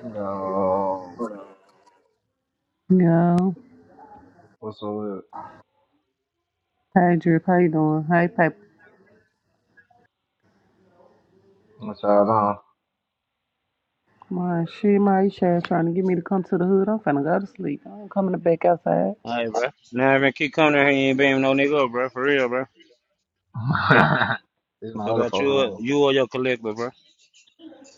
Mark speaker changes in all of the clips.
Speaker 1: Yo,
Speaker 2: Yo,
Speaker 1: what's up? with-
Speaker 2: Hey, Drip, how you doing? Hey, Paper.
Speaker 1: What's y'all doing?
Speaker 2: My shit, my you sure trying to get me to come to the hood. I'm finna go to sleep. I'm coming back outside.
Speaker 3: All right, bro. Nah, man, keep coming down here. You ain't banging no nigga up, bro. For real, bro.
Speaker 1: This is
Speaker 3: It's
Speaker 1: my other
Speaker 3: about
Speaker 1: folks
Speaker 3: you, or,
Speaker 1: room.
Speaker 3: you or your collective, bro.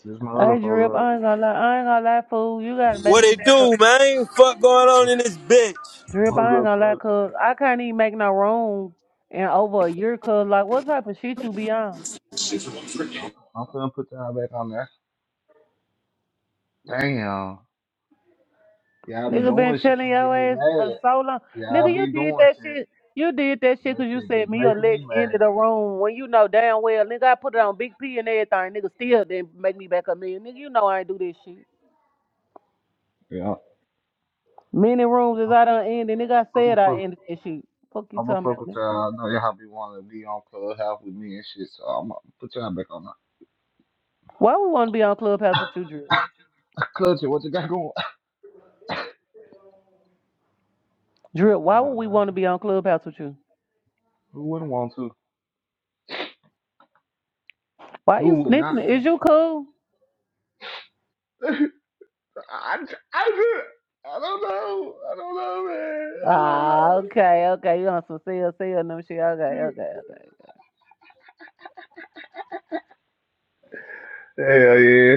Speaker 1: This is my other
Speaker 2: Hey,
Speaker 1: folks
Speaker 2: Drip, I
Speaker 1: room.
Speaker 2: ain't gonna lie. I ain't gonna lie, fool. You gotta make
Speaker 4: What
Speaker 2: me
Speaker 4: it
Speaker 2: back up.
Speaker 4: do, man? Fuck going on
Speaker 1: What's,
Speaker 4: in this bitch?
Speaker 2: Drip, I
Speaker 1: what's
Speaker 2: ain't
Speaker 1: up,
Speaker 2: gonna lie,
Speaker 1: Clutch?
Speaker 2: cuz I can't even make no room in over a year, cuz. Like, what type of shit you be on?
Speaker 1: I'm, I'm finna put y'all back on there. Damn, y'all be
Speaker 2: Nigga been
Speaker 1: doing shit
Speaker 2: telling
Speaker 1: to make
Speaker 2: your
Speaker 1: me
Speaker 2: ass for
Speaker 1: mad.
Speaker 2: so long. Nigga,
Speaker 1: Y'all
Speaker 2: you
Speaker 1: be
Speaker 2: did
Speaker 1: doing
Speaker 2: that
Speaker 1: shit.
Speaker 2: shit. You did that shit
Speaker 1: That
Speaker 2: 'cause you
Speaker 1: shit be
Speaker 2: said me or
Speaker 1: making
Speaker 2: Lex
Speaker 1: me
Speaker 2: ended the
Speaker 1: mad.
Speaker 2: room when you know damn well, nigga, I put it on Big P and everything. Nigga still didn't make me back a million. Nigga, you know I ain't do this shit.
Speaker 1: Yeah,
Speaker 2: Many rooms as I done ended. Nigga, I
Speaker 1: I'm
Speaker 2: said
Speaker 1: gonna
Speaker 2: I
Speaker 1: fuck.
Speaker 2: ended that shit. Fuck you
Speaker 1: I'm gonna
Speaker 2: talking about,
Speaker 1: fuck with
Speaker 2: nigga.
Speaker 1: y'all. I know y'all be wanting to be on Clubhouse with me and shit, so I'm gonna put y'all back on that.
Speaker 2: Why we want to be on Clubhouse with you, Drip?
Speaker 1: Clutch, it, what you got going?
Speaker 2: Drip, why
Speaker 1: Come
Speaker 2: would
Speaker 1: on, man.
Speaker 2: we want to be on Clubhouse with you?
Speaker 1: Who wouldn't want to?
Speaker 2: Why you
Speaker 1: Who would not
Speaker 2: sniffing? it? Is
Speaker 1: want
Speaker 2: you cool?
Speaker 1: to? I, I, just- I don't know. I don't know, man. I don't
Speaker 2: Ah, okay, okay. You on some sell, sell and them shit. Okay,
Speaker 1: know.
Speaker 2: okay, okay.
Speaker 1: Hell yeah.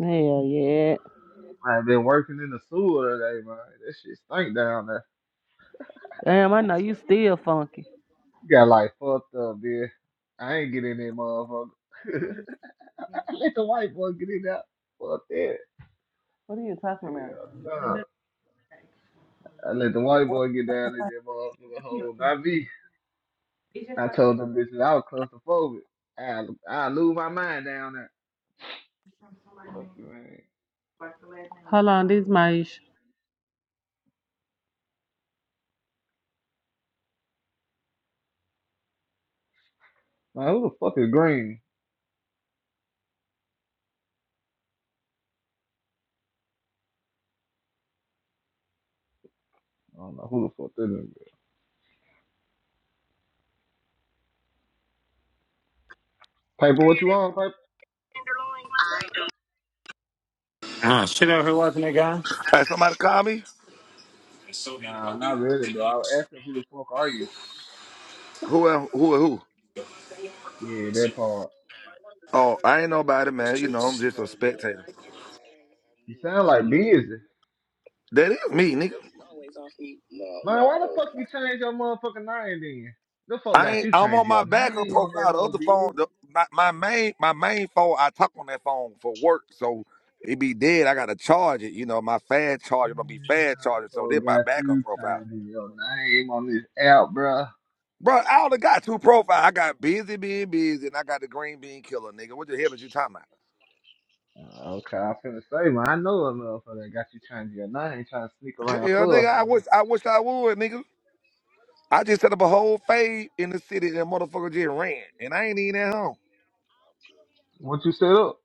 Speaker 2: Hell yeah.
Speaker 1: I've been working in the sewer today, man. That shit stink down there.
Speaker 2: Damn, I know you still funky.
Speaker 1: Got like fucked up, dude. I ain't get in there, motherfucker. I let the white boy get in there. Fuck that.
Speaker 2: What are you talking about?
Speaker 1: Hell no. I let the white boy get down in there, motherfucker. Hold, not me. I told them bitches I was claustrophobic. I I lose my mind down there. Fuck you, man.
Speaker 2: Hold on, this is Maisha.
Speaker 1: Man, who the fuck is Green? I don't know who the fuck that is. Paper, what you want, Paper?
Speaker 3: Ah, shit out here watching that guy.
Speaker 5: That's me.
Speaker 1: Nah, not really, though. I was asking who the fuck are you?
Speaker 5: Who el- who who?
Speaker 1: Yeah, that part.
Speaker 5: Oh, I ain't nobody, man. You know, I'm just a spectator.
Speaker 1: You sound like busy.
Speaker 5: That is me, nigga.
Speaker 1: Man, why the fuck you change your motherfucking name then? The fuck
Speaker 5: I
Speaker 1: got
Speaker 5: ain't,
Speaker 1: you
Speaker 5: I'm
Speaker 1: change
Speaker 5: on
Speaker 1: your
Speaker 5: my backup
Speaker 1: name on that
Speaker 5: profile. The
Speaker 1: whole
Speaker 5: other phone,
Speaker 1: busy.
Speaker 5: the, my, my main my main phone, I talk on that phone for work, so it be dead. I gotta charge it. You know, my fast charger don't
Speaker 1: Damn,
Speaker 5: be fast charger,
Speaker 1: the
Speaker 5: so this
Speaker 1: fuck
Speaker 5: my
Speaker 1: got
Speaker 5: backup
Speaker 1: you
Speaker 5: profile.
Speaker 1: changing your name on this app, bruh.
Speaker 5: Bro, I only got two profiles. I got busy being busy, and I got the green bean killer, nigga. What the hell is you talking about?
Speaker 1: Uh, Okay, I finna say, man, I know a motherfucker that got you changing your name, trying to sneak around
Speaker 5: Hell,
Speaker 1: club
Speaker 5: nigga, I
Speaker 1: now.
Speaker 5: wish I wish I would, nigga. I just set up a whole fade in the city that motherfucker just ran, and I ain't even at home.
Speaker 1: What you set up?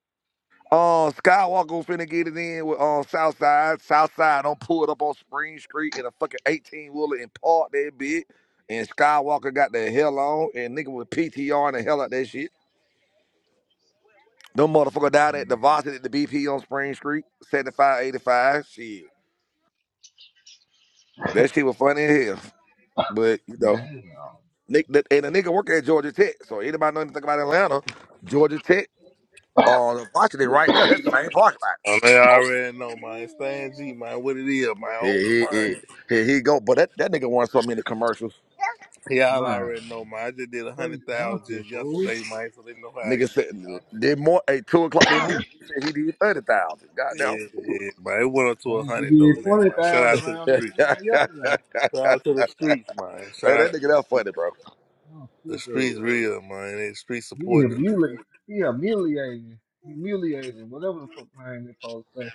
Speaker 5: Uh, Skywalker finna get it in with uh, Southside. Southside don't pull it up on Spring Street in a fucking 18 wheeler and park that bitch. And Skywalker got the hell on, and nigga with PTR and the hell out that shit. Them motherfucker down at the Varsity at the BP on Spring Street, 7585. Shit. That shit was funny as hell. But, you know,
Speaker 1: Damn,
Speaker 5: Nick, and a nigga work at Georgia Tech. So anybody know anything about Atlanta, Georgia Tech on Washington right there. That same parking lot.
Speaker 6: I mean,
Speaker 5: Oh,
Speaker 6: already know, man. Stan G, man. What it is, my old
Speaker 5: here he he Here he go. But that, that nigga won so many commercials.
Speaker 6: man. Y'all
Speaker 1: man,
Speaker 6: already know, man. I just did a hundred
Speaker 1: straight
Speaker 6: thousand
Speaker 1: junkie,
Speaker 6: just
Speaker 1: fool.
Speaker 6: yesterday, man. So they know how I
Speaker 5: Nigga said
Speaker 6: get
Speaker 5: did more at two o'clock this morning. He said he did thirty thousand.
Speaker 6: it, man.
Speaker 5: Goddamn.
Speaker 6: Yeah, yeah, man. It went up to a
Speaker 1: Dang, He
Speaker 6: hundred though,
Speaker 1: did
Speaker 6: then, man. Shout
Speaker 1: 20,000
Speaker 6: out to the
Speaker 1: around
Speaker 5: hey,
Speaker 1: this
Speaker 6: streets.
Speaker 1: time
Speaker 5: that
Speaker 1: yesterday.
Speaker 6: Shout out to the streets, man. Shout out to
Speaker 5: nigga that funny, bro.
Speaker 1: Oh,
Speaker 6: the
Speaker 1: sick of
Speaker 6: streets, real, man. They streets
Speaker 1: He
Speaker 6: supporting the nigga.
Speaker 1: humiliating. He humiliating. Humiliating. Whatever the fuck name they supposed to say.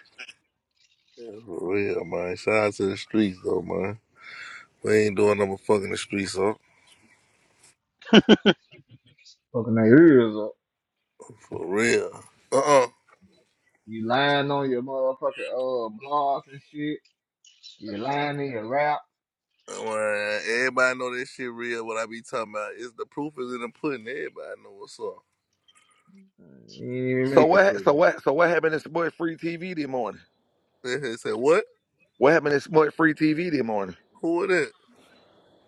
Speaker 6: Yeah, for real, man. Shout out to the streets, though, man. We ain't doing no fucking the streets up.
Speaker 1: Fucking their ears up.
Speaker 6: For real. Uh uh
Speaker 1: You lying on your motherfucking uh, blogs and shit. You lying in your rap.
Speaker 6: Well, everybody know that shit real. What I be talking about is the proof is in the pudding. Everybody know what's up.
Speaker 1: You didn't even
Speaker 5: So
Speaker 1: make the
Speaker 5: what? ha- So
Speaker 1: pudding.
Speaker 5: what? So what happened in Sport Free TV this morning?
Speaker 6: They say what?
Speaker 5: What happened in Sport Free TV this morning?
Speaker 6: Who it is?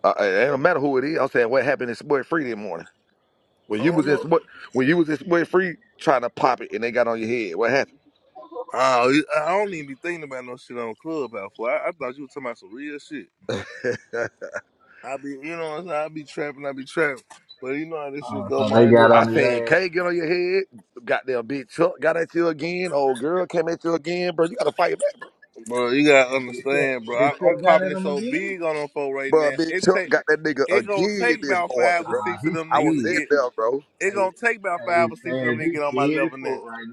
Speaker 5: Uh, it it don't matter who it is. I'm saying what happened in Sport Free this morning. When
Speaker 6: I
Speaker 5: you
Speaker 6: don't
Speaker 5: was in
Speaker 6: know.
Speaker 5: Sport, when you was in Sport Free trying to pop it and they got on your head. What
Speaker 6: Oh, you- I don't even be thinking about no shit on Clubhouse. Boy. I, I thought you were talking about some real shit.
Speaker 5: happened?
Speaker 6: I be, you know, what I'm saying? I be trapping, I be trapping. But you know how this shit
Speaker 1: Uh,
Speaker 6: go,
Speaker 1: so they got
Speaker 6: man.
Speaker 5: I
Speaker 1: on his
Speaker 5: seen
Speaker 1: ass.
Speaker 5: K get on your head. Goddamn big Chuck got at you again. Old girl came at you again, bro. You gotta fight back, bro.
Speaker 6: Bro, you gotta
Speaker 1: And did Chuck,
Speaker 6: understand, bro. I,
Speaker 1: did
Speaker 6: I'm
Speaker 1: Chuck got
Speaker 6: popping
Speaker 1: at
Speaker 6: it
Speaker 1: him
Speaker 6: so
Speaker 1: again?
Speaker 6: big on them folk right
Speaker 5: Bro,
Speaker 6: now.
Speaker 5: big
Speaker 6: It
Speaker 5: Chuck
Speaker 6: take,
Speaker 5: got that nigga
Speaker 6: it gonna
Speaker 5: again
Speaker 6: take
Speaker 5: this
Speaker 6: about
Speaker 5: morning,
Speaker 6: five or
Speaker 5: bro.
Speaker 1: Ah,
Speaker 6: six
Speaker 1: he
Speaker 6: of them
Speaker 5: I
Speaker 6: niggas
Speaker 5: was
Speaker 6: to
Speaker 5: in
Speaker 1: did.
Speaker 6: get.
Speaker 5: there, bro.
Speaker 6: It gonna
Speaker 1: Hey,
Speaker 6: take about
Speaker 1: hey,
Speaker 6: five
Speaker 1: he's
Speaker 6: or six of them
Speaker 1: saying
Speaker 6: niggas to
Speaker 1: he's
Speaker 6: get on my
Speaker 1: scared as
Speaker 6: level now.
Speaker 1: fuck right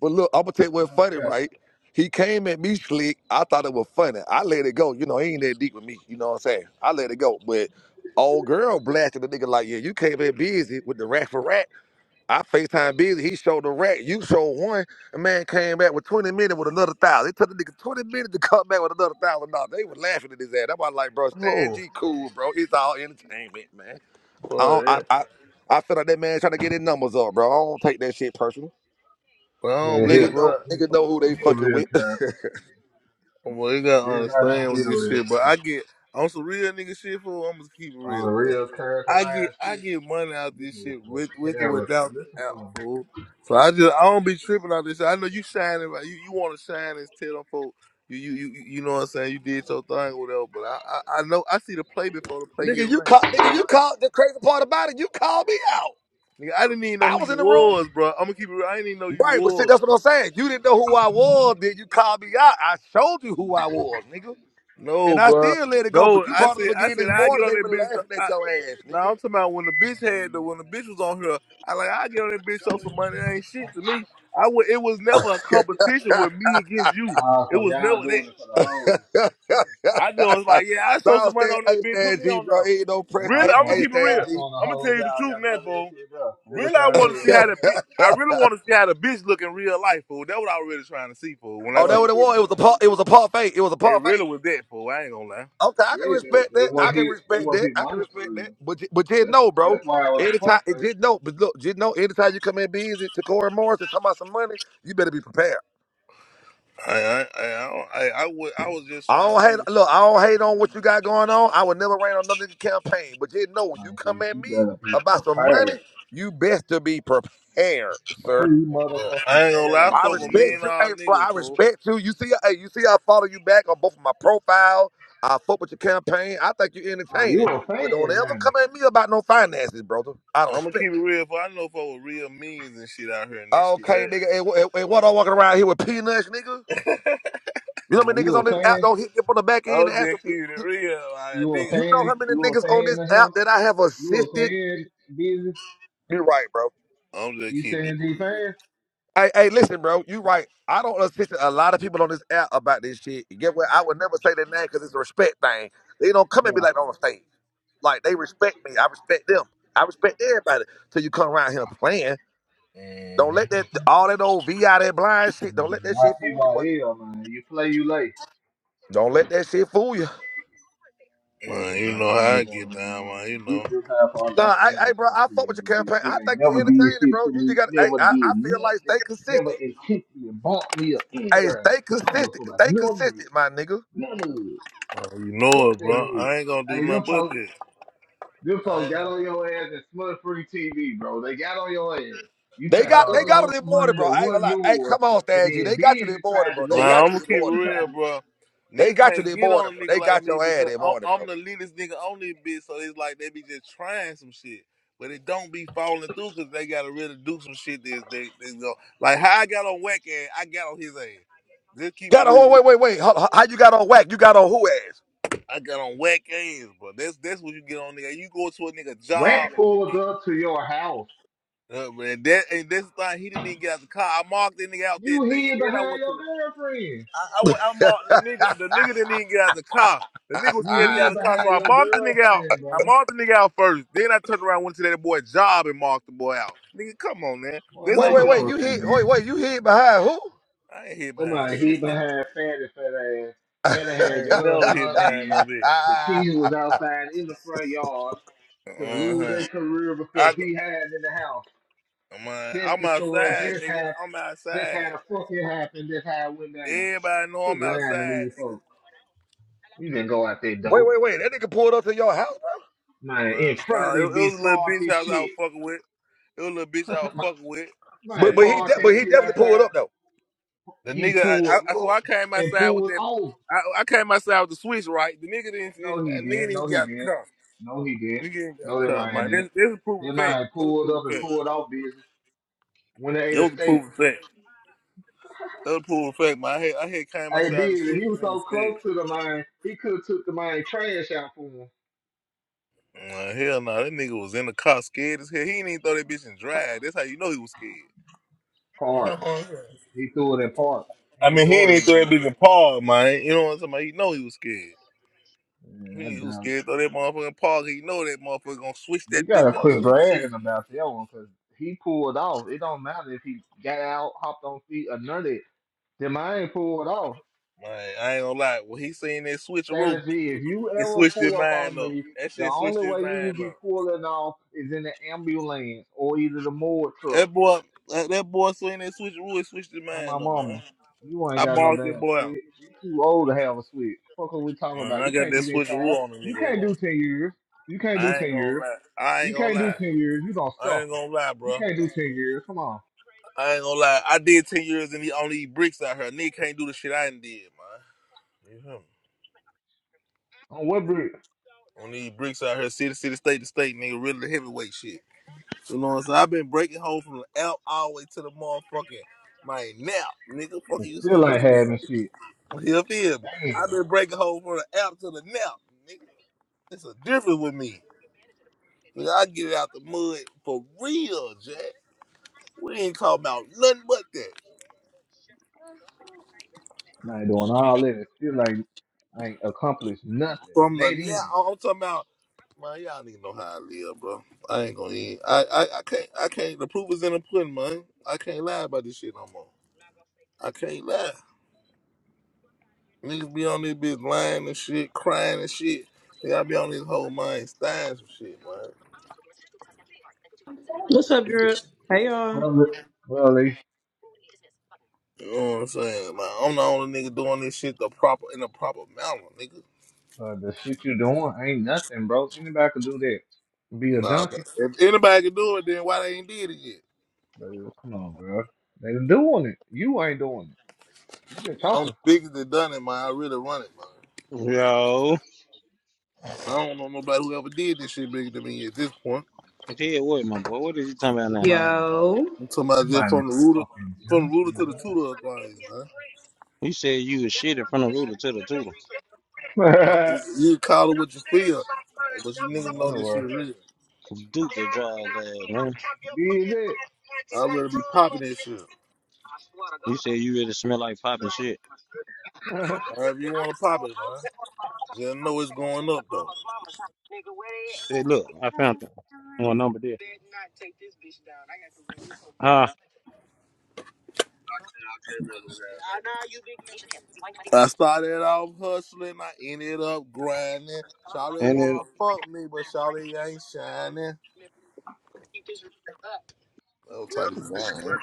Speaker 5: But look, I'm gonna tell you
Speaker 1: now.
Speaker 5: what's
Speaker 1: No
Speaker 5: funny,
Speaker 1: cap.
Speaker 5: right? He came at me slick. I thought it was funny. I let it go. You know, he ain't that deep with me. You know what I'm saying? I let it go. But old girl blasted the nigga like, yeah, you came in busy with the rat for rat. I FaceTime busy. He showed the rat. You showed one. A man came back with 20 minutes with another thousand. It took the nigga 20 minutes to come back with another thousand dollars. They was laughing at his ass. That's why I'm like, bro, Stan
Speaker 6: Oh,
Speaker 5: G cool, bro. It's all entertainment, man. I don't,
Speaker 6: boy. yeah.
Speaker 5: I, I I feel like that man trying to get his numbers up, bro. I don't take that shit personal.
Speaker 6: But I don't
Speaker 1: Yeah,
Speaker 6: be
Speaker 1: he.
Speaker 5: Nigga know
Speaker 6: but
Speaker 1: he
Speaker 5: nigga know who they
Speaker 1: He a
Speaker 5: fucking
Speaker 1: real
Speaker 5: with.
Speaker 1: character.
Speaker 6: well you gotta
Speaker 1: Real I know
Speaker 6: understand
Speaker 1: he
Speaker 6: with
Speaker 1: a
Speaker 6: this
Speaker 1: real
Speaker 6: shit, but I
Speaker 1: character.
Speaker 6: get on some real nigga shit for I'm gonna keep it real,
Speaker 1: On a
Speaker 6: bro.
Speaker 1: real
Speaker 6: I get
Speaker 1: characterized
Speaker 6: I
Speaker 1: shit,
Speaker 6: get money out
Speaker 1: this
Speaker 6: this
Speaker 1: nigga
Speaker 6: shit with
Speaker 1: a
Speaker 6: with or
Speaker 1: character.
Speaker 6: without the
Speaker 1: Listen to
Speaker 6: app,
Speaker 1: him.
Speaker 6: fool. So I just I don't be tripping out this shit. I know you shining like you, you wanna shine and tell them folk, you you you you know what I'm saying, you did your thing or whatever, but I I, I know I see the play before the play get
Speaker 5: nigga, you
Speaker 6: ran.
Speaker 5: caught nigga, you caught the crazy part about it, you called me out.
Speaker 6: Nigga, I didn't even know
Speaker 5: I
Speaker 6: who
Speaker 5: was
Speaker 6: you
Speaker 5: in the room.
Speaker 6: was, bro. I'm gonna keep it real. I didn't even know you
Speaker 5: Right, but see,
Speaker 6: was.
Speaker 5: that's what I'm saying. You didn't know who I was, then you called me out. I showed you who I was, nigga. And
Speaker 6: No,
Speaker 5: I
Speaker 6: bro.
Speaker 5: still let it go, but
Speaker 6: No,
Speaker 5: you
Speaker 6: I
Speaker 5: brought it up
Speaker 6: said I
Speaker 5: again
Speaker 6: said
Speaker 5: this
Speaker 6: I get
Speaker 5: morning.
Speaker 6: on
Speaker 5: They
Speaker 6: that
Speaker 5: were laughing at
Speaker 6: bitch.
Speaker 5: your ass,
Speaker 6: Now
Speaker 5: nigga.
Speaker 6: I'm talking about when the bitch had the when the bitch was on her. I like I get on that bitch show some money. That ain't shit to me. I would. It was never a competition with me against you.
Speaker 1: Uh,
Speaker 6: It
Speaker 1: so
Speaker 6: was
Speaker 1: y'all
Speaker 6: never that.
Speaker 1: doing it for the hoes.
Speaker 6: I just was like, yeah, I show some
Speaker 5: Bounce
Speaker 6: money
Speaker 5: that
Speaker 6: on that
Speaker 5: A
Speaker 6: bitch. Put
Speaker 5: stand
Speaker 6: me
Speaker 5: G,
Speaker 6: on
Speaker 5: bro.
Speaker 6: them.
Speaker 5: Ain't no press
Speaker 1: Y'all
Speaker 6: Really,
Speaker 5: A,
Speaker 6: I'm gonna
Speaker 5: A
Speaker 1: showing,
Speaker 6: keep it
Speaker 5: stand
Speaker 6: real.
Speaker 1: y'all
Speaker 5: G.
Speaker 1: showing the
Speaker 6: I'm gonna tell
Speaker 1: hoes
Speaker 6: you the
Speaker 1: y'all
Speaker 6: truth,
Speaker 1: got
Speaker 6: man,
Speaker 1: money and
Speaker 6: fool.
Speaker 1: shit, bro. That's
Speaker 6: Really,
Speaker 1: what
Speaker 6: I
Speaker 1: y'all
Speaker 6: want to
Speaker 1: doing.
Speaker 6: see how the bitch. I really want to see how the bitch look in real life, fool. That's what I was really trying to see, fool. When I
Speaker 5: oh,
Speaker 1: Boy,
Speaker 5: that
Speaker 6: said
Speaker 5: what it
Speaker 6: it,
Speaker 5: was.
Speaker 1: stop.
Speaker 5: It was a part. It was a part fake. It was a
Speaker 6: it
Speaker 5: part
Speaker 6: really
Speaker 5: fake.
Speaker 6: was that, fool. I ain't gonna lie.
Speaker 5: Okay, I can
Speaker 1: Yeah, they,
Speaker 5: respect
Speaker 1: they
Speaker 5: that. I
Speaker 1: want
Speaker 5: can
Speaker 1: his, they
Speaker 5: respect
Speaker 1: want
Speaker 5: that.
Speaker 1: his
Speaker 5: I can
Speaker 1: money for
Speaker 5: respect that.
Speaker 1: real.
Speaker 5: But ju- but just
Speaker 1: That's,
Speaker 5: know, bro.
Speaker 1: that's why I was a
Speaker 5: Anytime, it
Speaker 1: prophet.
Speaker 5: just know. But look, just know. Anytime you come in busy to Corey Morris and talk about some money, you better be prepared.
Speaker 6: I I I I, I, I, would- I was just
Speaker 5: I
Speaker 6: trying to.
Speaker 5: don't
Speaker 6: see.
Speaker 5: hate. Look, I don't hate on what you got going on. I would never rain on another nigga campaign. But you know, when you
Speaker 1: Man, see,
Speaker 5: come at
Speaker 1: you
Speaker 5: me
Speaker 1: better be
Speaker 5: about some money,
Speaker 1: prepared.
Speaker 5: you best to be prepared, sir.
Speaker 1: Free motherfucking
Speaker 6: I ain't gonna lie, I
Speaker 1: prepared,
Speaker 5: I
Speaker 6: fuck with
Speaker 1: nigga.
Speaker 6: mean
Speaker 5: respect you,
Speaker 6: all
Speaker 5: hey bro.
Speaker 6: niggas,
Speaker 5: I
Speaker 6: fool.
Speaker 5: respect you. You see, hey, you see, I follow you back on both of my profile. I fuck with your campaign. I think you
Speaker 1: Uh, you
Speaker 5: entertaining,
Speaker 1: a
Speaker 5: but don't
Speaker 1: fan,
Speaker 5: ever come
Speaker 1: man.
Speaker 5: at me about no finances, brother. Out of
Speaker 6: I'm gonna
Speaker 5: respect.
Speaker 6: keep it real, for I know fuck with real means and shit out here and this shit
Speaker 5: Okay,
Speaker 6: that.
Speaker 5: nigga. And, wh- and, and what I
Speaker 6: But
Speaker 5: walking around here with peanuts, nigga? You know how
Speaker 1: Uh,
Speaker 5: many niggas
Speaker 1: you
Speaker 5: on
Speaker 1: a
Speaker 5: this app
Speaker 1: fan?
Speaker 5: don't hit me up on the back end and
Speaker 6: I'm
Speaker 5: ask them,
Speaker 6: just keeping it real, like
Speaker 1: You a
Speaker 6: nigga.
Speaker 5: you know
Speaker 6: nigga.
Speaker 1: fan?
Speaker 5: how many
Speaker 1: You a
Speaker 5: niggas on
Speaker 1: fan
Speaker 5: this
Speaker 1: of
Speaker 5: app
Speaker 1: him?
Speaker 5: that I have
Speaker 1: You a
Speaker 5: assisted?
Speaker 1: fan? Busy?
Speaker 5: You're right, bro.
Speaker 6: I'm just
Speaker 1: You
Speaker 6: keeping it.
Speaker 1: stand G fan?
Speaker 5: Hey, hey, listen, bro. You right. I don't listen to a lot of people on this app about this shit. You get what? I would never say their name because it's a respect thing. They don't come and be
Speaker 1: Yeah.
Speaker 5: like on the stage. Like they respect me. I respect them. I respect everybody. Till you come around here playing. Don't let
Speaker 6: Mm-hmm.
Speaker 5: that all that old V.I. that blind shit. Don't let that shit fool you, boy.
Speaker 1: YPYL, man. You play, you lay.
Speaker 5: Don't let that shit fool you.
Speaker 6: Man, you
Speaker 1: Everybody,
Speaker 6: know
Speaker 1: y'all
Speaker 6: how I
Speaker 1: going
Speaker 6: get
Speaker 1: on,
Speaker 6: down, man. You
Speaker 1: man. These
Speaker 6: know,
Speaker 1: real high all that
Speaker 5: Nah, I, hey,
Speaker 1: energy
Speaker 5: bro,
Speaker 1: type
Speaker 5: I
Speaker 1: shit.
Speaker 5: fuck with
Speaker 1: in
Speaker 5: your
Speaker 1: this just how far I can end the talk
Speaker 5: campaign.
Speaker 1: to you.
Speaker 5: I
Speaker 1: Nigga ain't
Speaker 5: think you
Speaker 1: never did
Speaker 5: entertaining,
Speaker 1: shit
Speaker 5: bro.
Speaker 1: to
Speaker 5: You just
Speaker 1: me.
Speaker 5: got, hey,
Speaker 1: Never
Speaker 5: I, I
Speaker 1: did
Speaker 5: feel like stay
Speaker 1: nothing. Never
Speaker 5: consistent.
Speaker 1: intentionally bought me a anything.
Speaker 5: Hey,
Speaker 1: I
Speaker 5: stay
Speaker 1: don't give a
Speaker 5: consistent.
Speaker 1: fuck about
Speaker 5: Stay
Speaker 1: none of it.
Speaker 5: consistent, my nigga.
Speaker 1: None of it.
Speaker 6: man, you know
Speaker 1: Fuck
Speaker 6: it,
Speaker 1: that
Speaker 6: bro.
Speaker 1: nigga.
Speaker 6: I ain't gonna do
Speaker 1: Hey,
Speaker 6: nothing
Speaker 1: them
Speaker 6: but
Speaker 1: folks
Speaker 6: this.
Speaker 1: Them
Speaker 6: I
Speaker 1: folks
Speaker 6: ain't
Speaker 1: got
Speaker 6: gonna.
Speaker 1: on your ass and smut free TV, bro. They got on your ass. You
Speaker 5: They
Speaker 1: tried to
Speaker 5: got they
Speaker 6: No.
Speaker 5: got you
Speaker 1: upload
Speaker 5: they
Speaker 1: some
Speaker 5: morning,
Speaker 1: money
Speaker 5: bro.
Speaker 1: that
Speaker 5: I ain't gonna
Speaker 1: wasn't
Speaker 5: lie. Hey,
Speaker 1: yours,
Speaker 5: come on,
Speaker 1: and
Speaker 5: Stan G.
Speaker 1: then
Speaker 5: They got you this
Speaker 1: Busy
Speaker 5: morning,
Speaker 1: tried to
Speaker 5: bro. They
Speaker 1: go at
Speaker 6: Nah,
Speaker 5: got
Speaker 6: I'm
Speaker 5: you
Speaker 1: you,
Speaker 6: gonna
Speaker 5: this
Speaker 6: keep
Speaker 1: but
Speaker 6: it
Speaker 5: morning,
Speaker 1: you
Speaker 5: bro.
Speaker 6: real,
Speaker 1: tried to
Speaker 6: bro.
Speaker 5: They
Speaker 6: Nigga
Speaker 5: got you
Speaker 6: can't
Speaker 5: this
Speaker 6: get
Speaker 5: morning,
Speaker 6: on a
Speaker 5: bro.
Speaker 6: nigga
Speaker 5: They
Speaker 6: like
Speaker 5: got
Speaker 6: me
Speaker 5: your ass
Speaker 6: because
Speaker 5: this
Speaker 6: I'm,
Speaker 5: morning,
Speaker 6: I'm
Speaker 5: bro.
Speaker 6: the leadest nigga on this bitch. So it's like they be just trying some shit, but it don't be falling through because they gotta really do some shit. This they, they go like how I got on whack ass, I got on his ass. Just keep it
Speaker 5: Got a whole
Speaker 6: real.
Speaker 5: wait, wait, wait. How, how how you got on whack? You got on who
Speaker 6: I got on whack ass, bro. That's that's what you get on nigga. You go to a nigga job.
Speaker 1: whack pulled
Speaker 6: And,
Speaker 1: up to your house.
Speaker 6: uh, man, that and that's the thing. He didn't even get out the car. I marked that nigga out that
Speaker 1: You
Speaker 6: day, and
Speaker 1: hid
Speaker 6: then I
Speaker 1: behind
Speaker 6: went to the
Speaker 1: your girlfriend.
Speaker 6: I, I went, I marked the nigga. The nigga didn't even get out of the car. The
Speaker 5: ass?
Speaker 6: nigga was
Speaker 1: You
Speaker 6: scared to get out
Speaker 1: hid
Speaker 6: of the car, so
Speaker 1: behind
Speaker 6: I
Speaker 1: your
Speaker 6: marked the nigga out.
Speaker 1: girlfriend,
Speaker 6: I
Speaker 1: bro.
Speaker 6: marked the nigga out first. Then I turned around, went to that boy's job, and marked the boy out. Nigga, come on, man.
Speaker 1: Well,
Speaker 6: That's how
Speaker 5: wait,
Speaker 6: you
Speaker 5: wait,
Speaker 1: another
Speaker 6: get on
Speaker 5: wait. You
Speaker 6: nigga
Speaker 1: fuck you
Speaker 5: hid.
Speaker 6: ass.
Speaker 5: Wait,
Speaker 1: did.
Speaker 5: wait. You hid behind who?
Speaker 6: I ain't hid behind
Speaker 1: Somebody
Speaker 6: shit,
Speaker 1: hid
Speaker 6: nigga.
Speaker 1: behind Fatty fat ass. Fatty had
Speaker 6: I ain't
Speaker 1: guns
Speaker 6: never
Speaker 1: in
Speaker 6: hid
Speaker 1: her
Speaker 6: behind no
Speaker 1: hand.
Speaker 6: bitch.
Speaker 1: The kid was outside in the front yard to lose their
Speaker 6: Uh-huh.
Speaker 1: career because
Speaker 6: I go,
Speaker 1: he had in the house.
Speaker 6: I'm, on,
Speaker 1: This
Speaker 6: I'm
Speaker 1: the story.
Speaker 6: outside,
Speaker 1: This
Speaker 6: nigga.
Speaker 1: had
Speaker 6: I'm
Speaker 1: this how
Speaker 6: outside.
Speaker 1: the fuck it happened. This how it went down.
Speaker 6: Everybody know
Speaker 1: Quit
Speaker 6: I'm
Speaker 1: lying to
Speaker 6: outside,
Speaker 1: me,
Speaker 6: nigga.
Speaker 1: folks. You didn't go out there,
Speaker 5: wait,
Speaker 1: dope.
Speaker 5: wait, wait. That nigga pulled up to your house,
Speaker 1: Man, in
Speaker 6: But
Speaker 1: front
Speaker 6: nah,
Speaker 1: of
Speaker 6: it,
Speaker 1: the
Speaker 6: it was
Speaker 1: bitch,
Speaker 6: a little bitch
Speaker 1: party
Speaker 6: house I was
Speaker 1: shit.
Speaker 6: fucking with. It was a little bitch I was
Speaker 1: Man,
Speaker 6: fucking with.
Speaker 5: bro.
Speaker 6: So
Speaker 1: man,
Speaker 5: But
Speaker 6: you
Speaker 5: but
Speaker 6: know what
Speaker 5: he
Speaker 6: I'm
Speaker 5: de-
Speaker 1: party
Speaker 5: but
Speaker 6: saying.
Speaker 5: he
Speaker 1: shit
Speaker 5: definitely pulled
Speaker 1: outside.
Speaker 5: up though.
Speaker 6: The
Speaker 1: He
Speaker 6: nigga, I,
Speaker 1: pulled
Speaker 6: I, so
Speaker 1: up
Speaker 6: I came
Speaker 1: and
Speaker 6: outside with
Speaker 1: pulled
Speaker 6: that.
Speaker 1: off.
Speaker 6: I, I came outside with the switch, right? The nigga didn't.
Speaker 1: No, he
Speaker 6: The nigga
Speaker 1: didn't.
Speaker 6: didn't
Speaker 1: No,
Speaker 6: get
Speaker 1: he
Speaker 6: out the
Speaker 1: didn't.
Speaker 6: car.
Speaker 1: No, he didn't.
Speaker 6: Nigga ain't got the
Speaker 1: No, that
Speaker 6: car,
Speaker 1: man
Speaker 6: man.
Speaker 1: didn't.
Speaker 6: This, this is a proven
Speaker 1: That
Speaker 6: fact.
Speaker 1: man
Speaker 6: This is
Speaker 1: pulled
Speaker 6: proven
Speaker 1: up and
Speaker 6: fact.
Speaker 1: pulled off business when they ate
Speaker 6: That
Speaker 1: a
Speaker 6: was a
Speaker 1: steak.
Speaker 6: proven fact. That was a proven fact, man. I had, I had came
Speaker 1: Hey,
Speaker 6: outside the
Speaker 1: busy.
Speaker 6: switch.
Speaker 1: He was
Speaker 6: The nigga
Speaker 1: so
Speaker 6: was scared.
Speaker 1: close to the mine, he could have took the mine trash out for him.
Speaker 6: Nah, hell no, that nigga was in the car scared as hell. He didn't even throw that bitch in drive. That's how you know he was scared.
Speaker 1: Hard. He threw it in park.
Speaker 6: I
Speaker 1: He ain't
Speaker 6: mean, he didn't
Speaker 1: throw it
Speaker 6: even
Speaker 1: in
Speaker 6: throw that
Speaker 1: ground.
Speaker 6: bitch in park, man. You know what I'm talking about? You know he was scared.
Speaker 1: Yeah, I
Speaker 6: He was
Speaker 1: doubt it.
Speaker 6: scared to throw that motherfucking park. He know that motherfucker gonna switch
Speaker 1: You
Speaker 6: that
Speaker 1: gotta
Speaker 6: bitch up,
Speaker 1: quit
Speaker 6: switch
Speaker 1: bragging
Speaker 6: cheese.
Speaker 1: about that one because he pulled off. It don't matter if he got out, hopped on feet, or none of it. Them I ain't pulled off.
Speaker 6: Man, I ain't gonna lie. When he seen that switcheroo,
Speaker 1: Stanley G, if you
Speaker 6: it
Speaker 1: ever
Speaker 6: switched his
Speaker 1: pull up
Speaker 6: mind
Speaker 1: on
Speaker 6: up.
Speaker 1: me,
Speaker 6: That
Speaker 1: the
Speaker 6: shit switched
Speaker 1: only
Speaker 6: his
Speaker 1: way you will
Speaker 6: mind
Speaker 1: be
Speaker 6: up.
Speaker 1: pulling off is in the ambulance or either the morgue truck.
Speaker 6: That boy, that, that boy seen that switcheroo, it switched his
Speaker 1: On my
Speaker 6: mind up, man.
Speaker 1: mama, you ain't
Speaker 6: I
Speaker 1: got no
Speaker 6: barked that
Speaker 1: damn
Speaker 6: boy out,
Speaker 1: switch. You too old to have a switch. Fuck what we talking
Speaker 6: man.
Speaker 1: about?
Speaker 6: I
Speaker 1: You
Speaker 6: got
Speaker 1: can't
Speaker 6: that
Speaker 1: do that time.
Speaker 6: switcheroo on the
Speaker 1: You
Speaker 6: nigga.
Speaker 1: can't do ten years. You can't do
Speaker 6: I
Speaker 1: ten
Speaker 6: ain't gonna
Speaker 1: years.
Speaker 6: lie. I ain't
Speaker 1: You
Speaker 6: gonna
Speaker 1: can't do
Speaker 6: lie.
Speaker 1: ten years. You gonna
Speaker 6: I ain't
Speaker 1: suffer.
Speaker 6: gonna lie,
Speaker 1: You
Speaker 6: bro.
Speaker 1: can't do ten years. Come on.
Speaker 6: I ain't gonna lie. I did ten years and he only eat bricks out here. Nigga can't do the shit I done did, man. You hear me?
Speaker 1: On what brick?
Speaker 6: On these bricks out here, city, city, state to state, nigga, really the heavyweight shit. You know what I'm saying? I've been breaking home from the L all the way to the motherfucking my nap, nigga. Fuck
Speaker 1: And
Speaker 6: you
Speaker 1: still
Speaker 6: saying?
Speaker 1: ain't having shit.
Speaker 6: You feel me? I've
Speaker 1: Damn.
Speaker 6: been breaking home from the app to the nap, nigga. It's a difference with me. Nigga, I get it out the mud for real, Jack. We ain't talking about nothing but that.
Speaker 1: I ain't doing all that. and Still ain't ain't accomplished nothing.
Speaker 6: From the nap,
Speaker 1: Nadine.
Speaker 6: I'm talking about. Man, y'all need to know how I live, bro. I ain't gonna eat. I, I, I can't. I can't. The proof is in the pudding, man. I can't lie about this shit no more. I can't lie. Niggas be on this bitch lying and shit, crying and shit. They gotta be on this whole mind stying some shit, man.
Speaker 7: What's up, Drip? Hey, y'all.
Speaker 1: Well, li- well, Lee,
Speaker 6: You know what I'm saying? Man, I'm the only nigga doing this shit the proper in the proper manner, nigga.
Speaker 1: uh, the shit you doing ain't nothing, bro. Anybody can do that. Be a
Speaker 6: Nah,
Speaker 1: junkie.
Speaker 6: but if anybody can do it, then why they ain't did it yet?
Speaker 1: Baby, come on, girl. They doing it. You ain't doing it. You just
Speaker 6: I'm the
Speaker 1: talking.
Speaker 6: biggest that done it, man. I really run it, man.
Speaker 3: Yo,
Speaker 6: I don't know nobody who ever did this shit bigger than me at this point.
Speaker 3: tell what, my boy. What is he talking about
Speaker 1: You
Speaker 3: now?
Speaker 1: mind me. uh,
Speaker 7: Yo,
Speaker 6: I'm talking
Speaker 1: You
Speaker 6: about just
Speaker 1: mind me
Speaker 6: from the rooter,
Speaker 1: fucking
Speaker 6: from the rooter
Speaker 1: junkie,
Speaker 6: to
Speaker 1: bro.
Speaker 6: the tutor of things, man.
Speaker 3: You said you was shit in front of Luda to the Tooter.
Speaker 6: Like, you call it what you feel, but you
Speaker 1: In
Speaker 6: niggas
Speaker 1: the
Speaker 6: know this shit
Speaker 1: underworld.
Speaker 6: real.
Speaker 3: Duke it draws ass, man.
Speaker 1: Did it.
Speaker 6: I really be popping this shit.
Speaker 3: You said you really smell like popping shit.
Speaker 6: However you want to pop it, man. Just know it's going up though.
Speaker 3: Hey, look, I found one One number there. Ah,
Speaker 6: So, I started off hustling, I ended up grinding. Charlie
Speaker 3: and then
Speaker 6: wanna fuck me, but Charlie ain't shining. Oh, Charlie lying.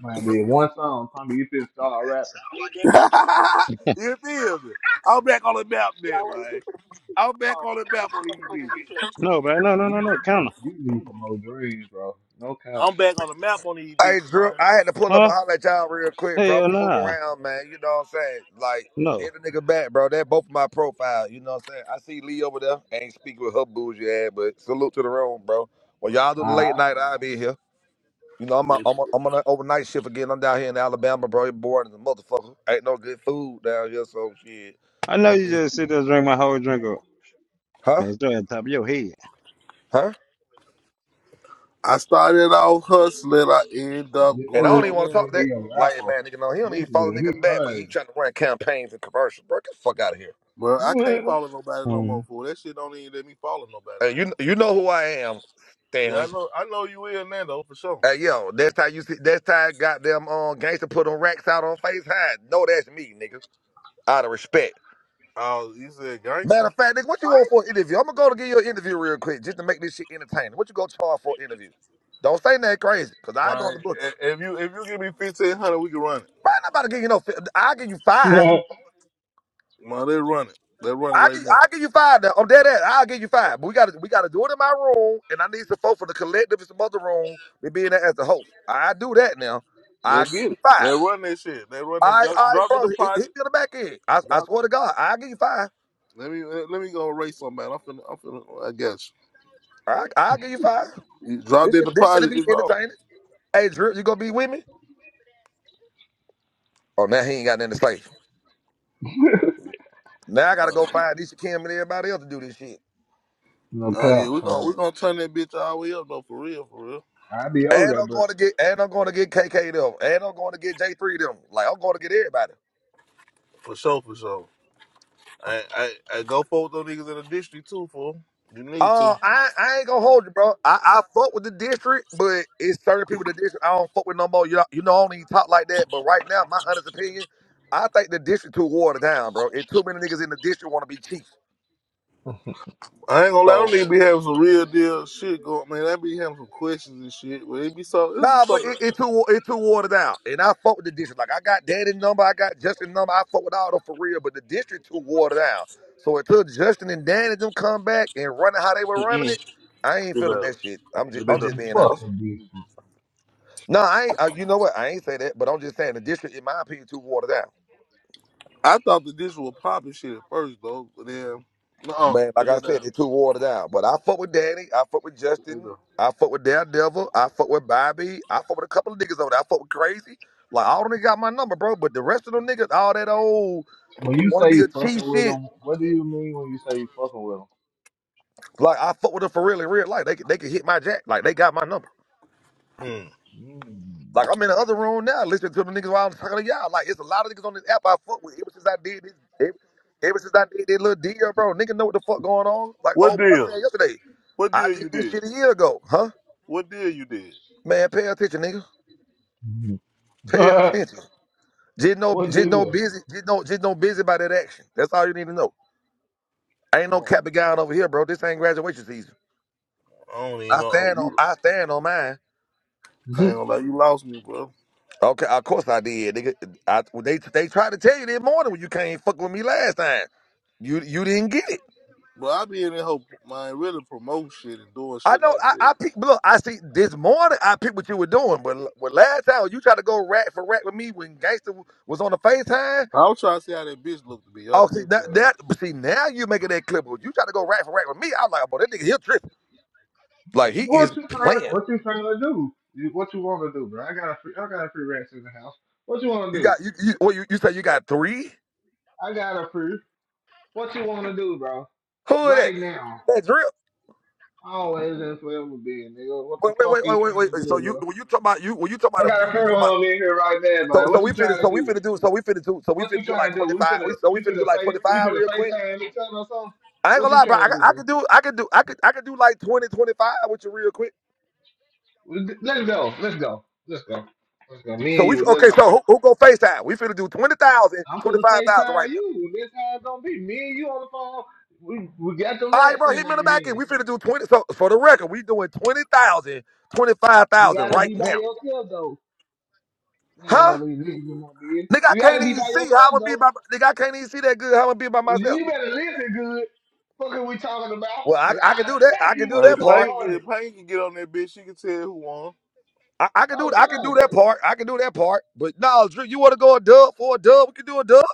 Speaker 1: Man, I did one song. Tommy, you just start rapping.
Speaker 6: you feel me? I'm back on the map then, man. I'm back on the map on these bitches.
Speaker 3: no, bro. No, no, no,
Speaker 1: You,
Speaker 3: no. Counter.
Speaker 1: you need some more dreams, bro. No cap.
Speaker 6: I'm back on the map on these
Speaker 5: Hey,
Speaker 6: bitches,
Speaker 5: Drew,
Speaker 6: man.
Speaker 5: I had to pull up a
Speaker 3: Huh?
Speaker 5: holler at y'all real quick, bro. I'm
Speaker 3: Hell
Speaker 5: gonna move
Speaker 3: nah.
Speaker 5: around, man. You know what I'm saying? Like,
Speaker 3: No.
Speaker 5: hit the nigga back, bro. That both my profile. You know what I'm saying? I see Lee over there. ain't speaking with her bougie ass, but salute to the room, bro. When y'all do the late
Speaker 1: Ah,
Speaker 5: night, I'll be here. You know, I'm on,
Speaker 6: But
Speaker 5: I'm on, I'm on an overnight shift again. I'm down here in Alabama, bro. You bored as a motherfucker. Ain't no good food down here, so shit.
Speaker 3: I know
Speaker 5: I'm
Speaker 3: you
Speaker 5: just,
Speaker 3: just sit there and drink my whole drink up
Speaker 5: huh?
Speaker 3: and throw it on top of your head.
Speaker 5: Huh?
Speaker 6: I started off hustling, I ended up
Speaker 1: this
Speaker 5: And I don't even
Speaker 1: fool
Speaker 5: want to
Speaker 6: grinding.
Speaker 5: talk
Speaker 1: think
Speaker 5: to that
Speaker 1: he a
Speaker 5: like
Speaker 1: rapper.
Speaker 5: man, nigga. No, he don't
Speaker 1: This
Speaker 5: even follow
Speaker 1: nigga,
Speaker 5: nigga
Speaker 1: he
Speaker 5: back, but he
Speaker 1: crazy.
Speaker 5: trying to run campaigns and commercials, bro. Get the fuck out of here.
Speaker 6: But I can't follow nobody no more,
Speaker 3: Um,
Speaker 6: fool. That shit don't even let me follow nobody
Speaker 5: Hey,
Speaker 6: no more.
Speaker 5: you you know who I am,
Speaker 6: Yeah, I
Speaker 5: Stanley.
Speaker 6: know. I know you will, Nando, for sure.
Speaker 5: Hey, yo, that's how you see. That's how goddamn um gangster put them racks out on face high. No, that's me, nigga. Out of respect.
Speaker 6: Oh, you said gangster.
Speaker 5: Matter of fact, nigga, what you want for an interview? I'm gonna go to give you an interview real quick just to make this shit entertaining. What you gonna charge for an interview? Don't say nothing crazy, cause I go on
Speaker 6: Right.
Speaker 5: the book. you.
Speaker 6: i- If you if you give me fifteen hundred, we can run it.
Speaker 5: But I'm not about to give you no. fi- I'll give you five.
Speaker 6: Man, they run it. They run it
Speaker 5: I'll
Speaker 6: right
Speaker 5: give,
Speaker 6: now.
Speaker 5: I'll give you five. Now. I'm dead ass. I'll give you five. But we gotta we gotta do it in my room, and I need some folks from the collective and some other room to be in there as the host. I do that now.
Speaker 6: They
Speaker 5: I'll give
Speaker 6: get
Speaker 5: you
Speaker 6: it. They
Speaker 5: five.
Speaker 6: run that shit. They run
Speaker 5: All
Speaker 6: it.
Speaker 5: right,
Speaker 6: Drop,
Speaker 5: all right,
Speaker 6: drop the
Speaker 5: bro. Hit, hit
Speaker 6: deposit.
Speaker 5: me on the back end. I, I
Speaker 6: Drop.
Speaker 5: swear to God, I'll give you five.
Speaker 6: Let me let me go race somebody. I'm finna. I'm finna. I guess
Speaker 5: All right, I'll give you five.
Speaker 6: you drop
Speaker 5: This
Speaker 6: the
Speaker 5: shit, this should
Speaker 6: deposit.
Speaker 5: be
Speaker 6: It's all.
Speaker 5: entertaining. Hey, Drew, you gonna be with me? Oh, now he ain't got nothing to say. Now I gotta go find Nisha Kim and everybody else to do this shit.
Speaker 1: no
Speaker 6: Oh yeah,
Speaker 1: cap,
Speaker 6: we gonna we
Speaker 1: cause
Speaker 6: gonna turn that bitch all the way up though. For real. For real.
Speaker 1: I be
Speaker 5: And
Speaker 1: older,
Speaker 5: I'm
Speaker 1: but
Speaker 5: going to get, and I'm going to get KK them, and I'm going to get J3 them. Like I'm going to get everybody.
Speaker 6: For sure. For sure. I I, I go forward with those niggas in the district too. fool. you need to.
Speaker 5: Uh, I, I ain't gonna hold you, bro. I, I fuck with the district, but it's certain people in the district I don't fuck with no more. You know, you know, I don't even talk like that. But right now, my honest opinion, I think the district too watered down, bro. And too many niggas in the district want to be chief.
Speaker 6: I ain't gonna lie, I don't
Speaker 5: So
Speaker 6: need to be having some real deal shit going. Man, I be having some questions and shit, but it be so. This is
Speaker 5: nah, but
Speaker 6: something.
Speaker 5: it, it too it too watered down. And I fuck with the district. Like I got Daddy number, I got Justin number. I fuck with all them for real. But the district too watered down. So until Justin and Danny them come back and running how they were running
Speaker 6: Mm-mm.
Speaker 5: it, I ain't
Speaker 6: You
Speaker 5: feeling
Speaker 6: know,
Speaker 5: that shit. I'm
Speaker 6: you
Speaker 5: just I'm
Speaker 6: know.
Speaker 5: just
Speaker 1: man,
Speaker 5: being honest.
Speaker 1: fuck with this shit.
Speaker 5: No, I ain't, uh, you know what? I ain't say that, but I'm just saying the district, in my opinion, too watered down.
Speaker 6: I thought the dish was popping shit at first though, but then no,
Speaker 5: Man, like
Speaker 6: put
Speaker 5: I
Speaker 6: it down.
Speaker 5: said, they too watered down. But I fuck with Danny. I fuck with
Speaker 6: You
Speaker 5: Justin.
Speaker 6: know.
Speaker 5: I fuck with Daredevil. I fuck with Bobby. I fuck with a couple of niggas over there. I fuck with Crazy. Like, all them niggas got my number, bro. But the rest of them niggas, all that old
Speaker 1: When you
Speaker 5: wanna
Speaker 1: say
Speaker 5: be a
Speaker 1: you
Speaker 5: cheap
Speaker 1: fucking with
Speaker 5: shit.
Speaker 1: them, what do you mean when you say you fucking with
Speaker 5: Like, I fuck with them for real in real life. They, can- they can hit my jack. Like, they got my number.
Speaker 6: Mm.
Speaker 1: them?
Speaker 5: Like I'm in the other room now, listening to the niggas while I'm talking to y'all. Like it's a lot of niggas on this app I fuck with. Ever since I did this, ever, ever since I did this little deal, bro, Niggas know what the fuck going on. Like
Speaker 6: What
Speaker 5: old boy said
Speaker 6: deal?
Speaker 5: yesterday,
Speaker 6: What
Speaker 5: I
Speaker 6: deal
Speaker 5: did
Speaker 6: you
Speaker 5: this
Speaker 6: did?
Speaker 5: shit a year ago, huh?
Speaker 6: What deal you did?
Speaker 5: Man, pay attention, nigga. Pay attention. Just no,
Speaker 1: what do
Speaker 5: just no
Speaker 1: you?
Speaker 5: busy, just no, just no busy about that action. That's all you need to know. ain't
Speaker 6: I
Speaker 5: no
Speaker 6: don't,
Speaker 5: cap and gown over here, bro. This ain't graduation season.
Speaker 6: I don't even
Speaker 5: I
Speaker 6: know. like,
Speaker 5: stand on,
Speaker 6: You,
Speaker 5: I stand on mine.
Speaker 6: I ain't gonna lie, you lost me, bro.
Speaker 5: Okay, of course I did, nigga. I, they they tried to tell you this morning when you came fucking with me last time. You you didn't get it.
Speaker 6: But I be in that whole mind really promote shit and doing
Speaker 5: I
Speaker 6: shit
Speaker 5: know.
Speaker 6: like
Speaker 5: I,
Speaker 6: that.
Speaker 5: I pick. Look, I see. This morning, I picked what you were doing, but, l- but last time you tried to go rat for rat with me when Gangster w- was on the Facetime.
Speaker 6: I was trying to see how that bitch looked to be
Speaker 5: Oh, see
Speaker 6: honest.
Speaker 5: that that. But see now you making that clip. But you tried to go rat for rat with me. I was like, oh, boy, that nigga here tripping. Like he
Speaker 1: What
Speaker 5: is
Speaker 1: you trying?
Speaker 5: playing.
Speaker 1: What you trying to do? You- What you want to do, bro? I got a free. I got a free rest in the house. What you want to
Speaker 5: You
Speaker 1: do?
Speaker 5: got you. you well, you, you say you got three.
Speaker 1: I got a free. What you want to do, bro?
Speaker 5: Who is that?
Speaker 1: Right now,
Speaker 5: That drip.
Speaker 1: always and forever being nigga. What the
Speaker 5: Wait, wait,
Speaker 1: fuck
Speaker 5: wait,
Speaker 1: you
Speaker 5: wait, wait,
Speaker 1: trying
Speaker 5: wait.
Speaker 1: to
Speaker 5: wait. So
Speaker 1: do,
Speaker 5: you
Speaker 1: bro?
Speaker 5: when you talking about you when you talking
Speaker 1: I
Speaker 5: about a
Speaker 1: got a
Speaker 5: few, you
Speaker 1: free
Speaker 5: talking about.
Speaker 1: home in here right now,
Speaker 5: So,
Speaker 1: man.
Speaker 5: so
Speaker 1: What
Speaker 5: we
Speaker 1: you trying
Speaker 5: finna
Speaker 1: to
Speaker 5: so we
Speaker 1: do?
Speaker 5: finna do so we finna do so we
Speaker 1: What you
Speaker 5: finna do
Speaker 1: trying
Speaker 5: like
Speaker 1: to
Speaker 5: twenty
Speaker 1: do? We
Speaker 5: five
Speaker 1: finna,
Speaker 5: we so we
Speaker 1: you
Speaker 5: finna do
Speaker 1: finna
Speaker 5: like twenty
Speaker 1: face, we
Speaker 5: five
Speaker 1: finna
Speaker 5: real quick.
Speaker 1: FaceTime each other or something?
Speaker 5: I ain't
Speaker 1: What
Speaker 5: gonna
Speaker 1: you
Speaker 5: lie, bro.
Speaker 1: trying
Speaker 5: I,
Speaker 1: to do,
Speaker 5: I
Speaker 1: bro?
Speaker 5: could do, I could do, I could, I could do like 20, 25 with you real quick.
Speaker 1: Let's go. Let's go. Let's go. Let's go. Me
Speaker 5: So
Speaker 1: and
Speaker 5: we
Speaker 1: you. Let's
Speaker 5: okay?
Speaker 1: go.
Speaker 5: So who, who go FaceTime? We finna do 20,000,
Speaker 1: I'm finna
Speaker 5: 25,000,
Speaker 1: FaceTime
Speaker 5: right now.
Speaker 1: you. This how it's gonna be. Me and you on the phone. We we got the
Speaker 5: All right,
Speaker 1: rats
Speaker 5: bro.
Speaker 1: in
Speaker 5: Hit
Speaker 1: our
Speaker 5: me in the back end.
Speaker 1: hands.
Speaker 5: We finna do twenty. So so for the record, we doing 20,000, twenty-five
Speaker 1: You
Speaker 5: thousand,
Speaker 1: gotta be
Speaker 5: right
Speaker 1: by
Speaker 5: now.
Speaker 1: yourself though. You know all
Speaker 5: Huh?
Speaker 1: these niggas in my bed.
Speaker 5: Nigga, I
Speaker 1: You gotta
Speaker 5: can't
Speaker 1: be
Speaker 5: even
Speaker 1: by
Speaker 5: see how I'm
Speaker 1: yourself
Speaker 5: gonna be
Speaker 1: though.
Speaker 5: by. Nigga, I can't even see that good. How I'm gonna be by myself.
Speaker 1: You better listen good. Fuck are we talking about?
Speaker 5: Well,
Speaker 1: I'm
Speaker 5: I,
Speaker 1: gonna,
Speaker 5: I can
Speaker 1: I'll
Speaker 5: do that.
Speaker 1: smack
Speaker 5: I can
Speaker 1: you
Speaker 5: do
Speaker 6: Uh,
Speaker 1: with a
Speaker 5: that
Speaker 6: if
Speaker 1: couple
Speaker 5: part.
Speaker 6: Payne
Speaker 1: hundred.
Speaker 6: could, Payne could get on that bitch, she can tell who won.
Speaker 5: I, I can do
Speaker 1: Oh
Speaker 5: I can do that
Speaker 1: god.
Speaker 5: part. I can do that part. But no, Drew, you want to go a dub for a dub? We can do a dub.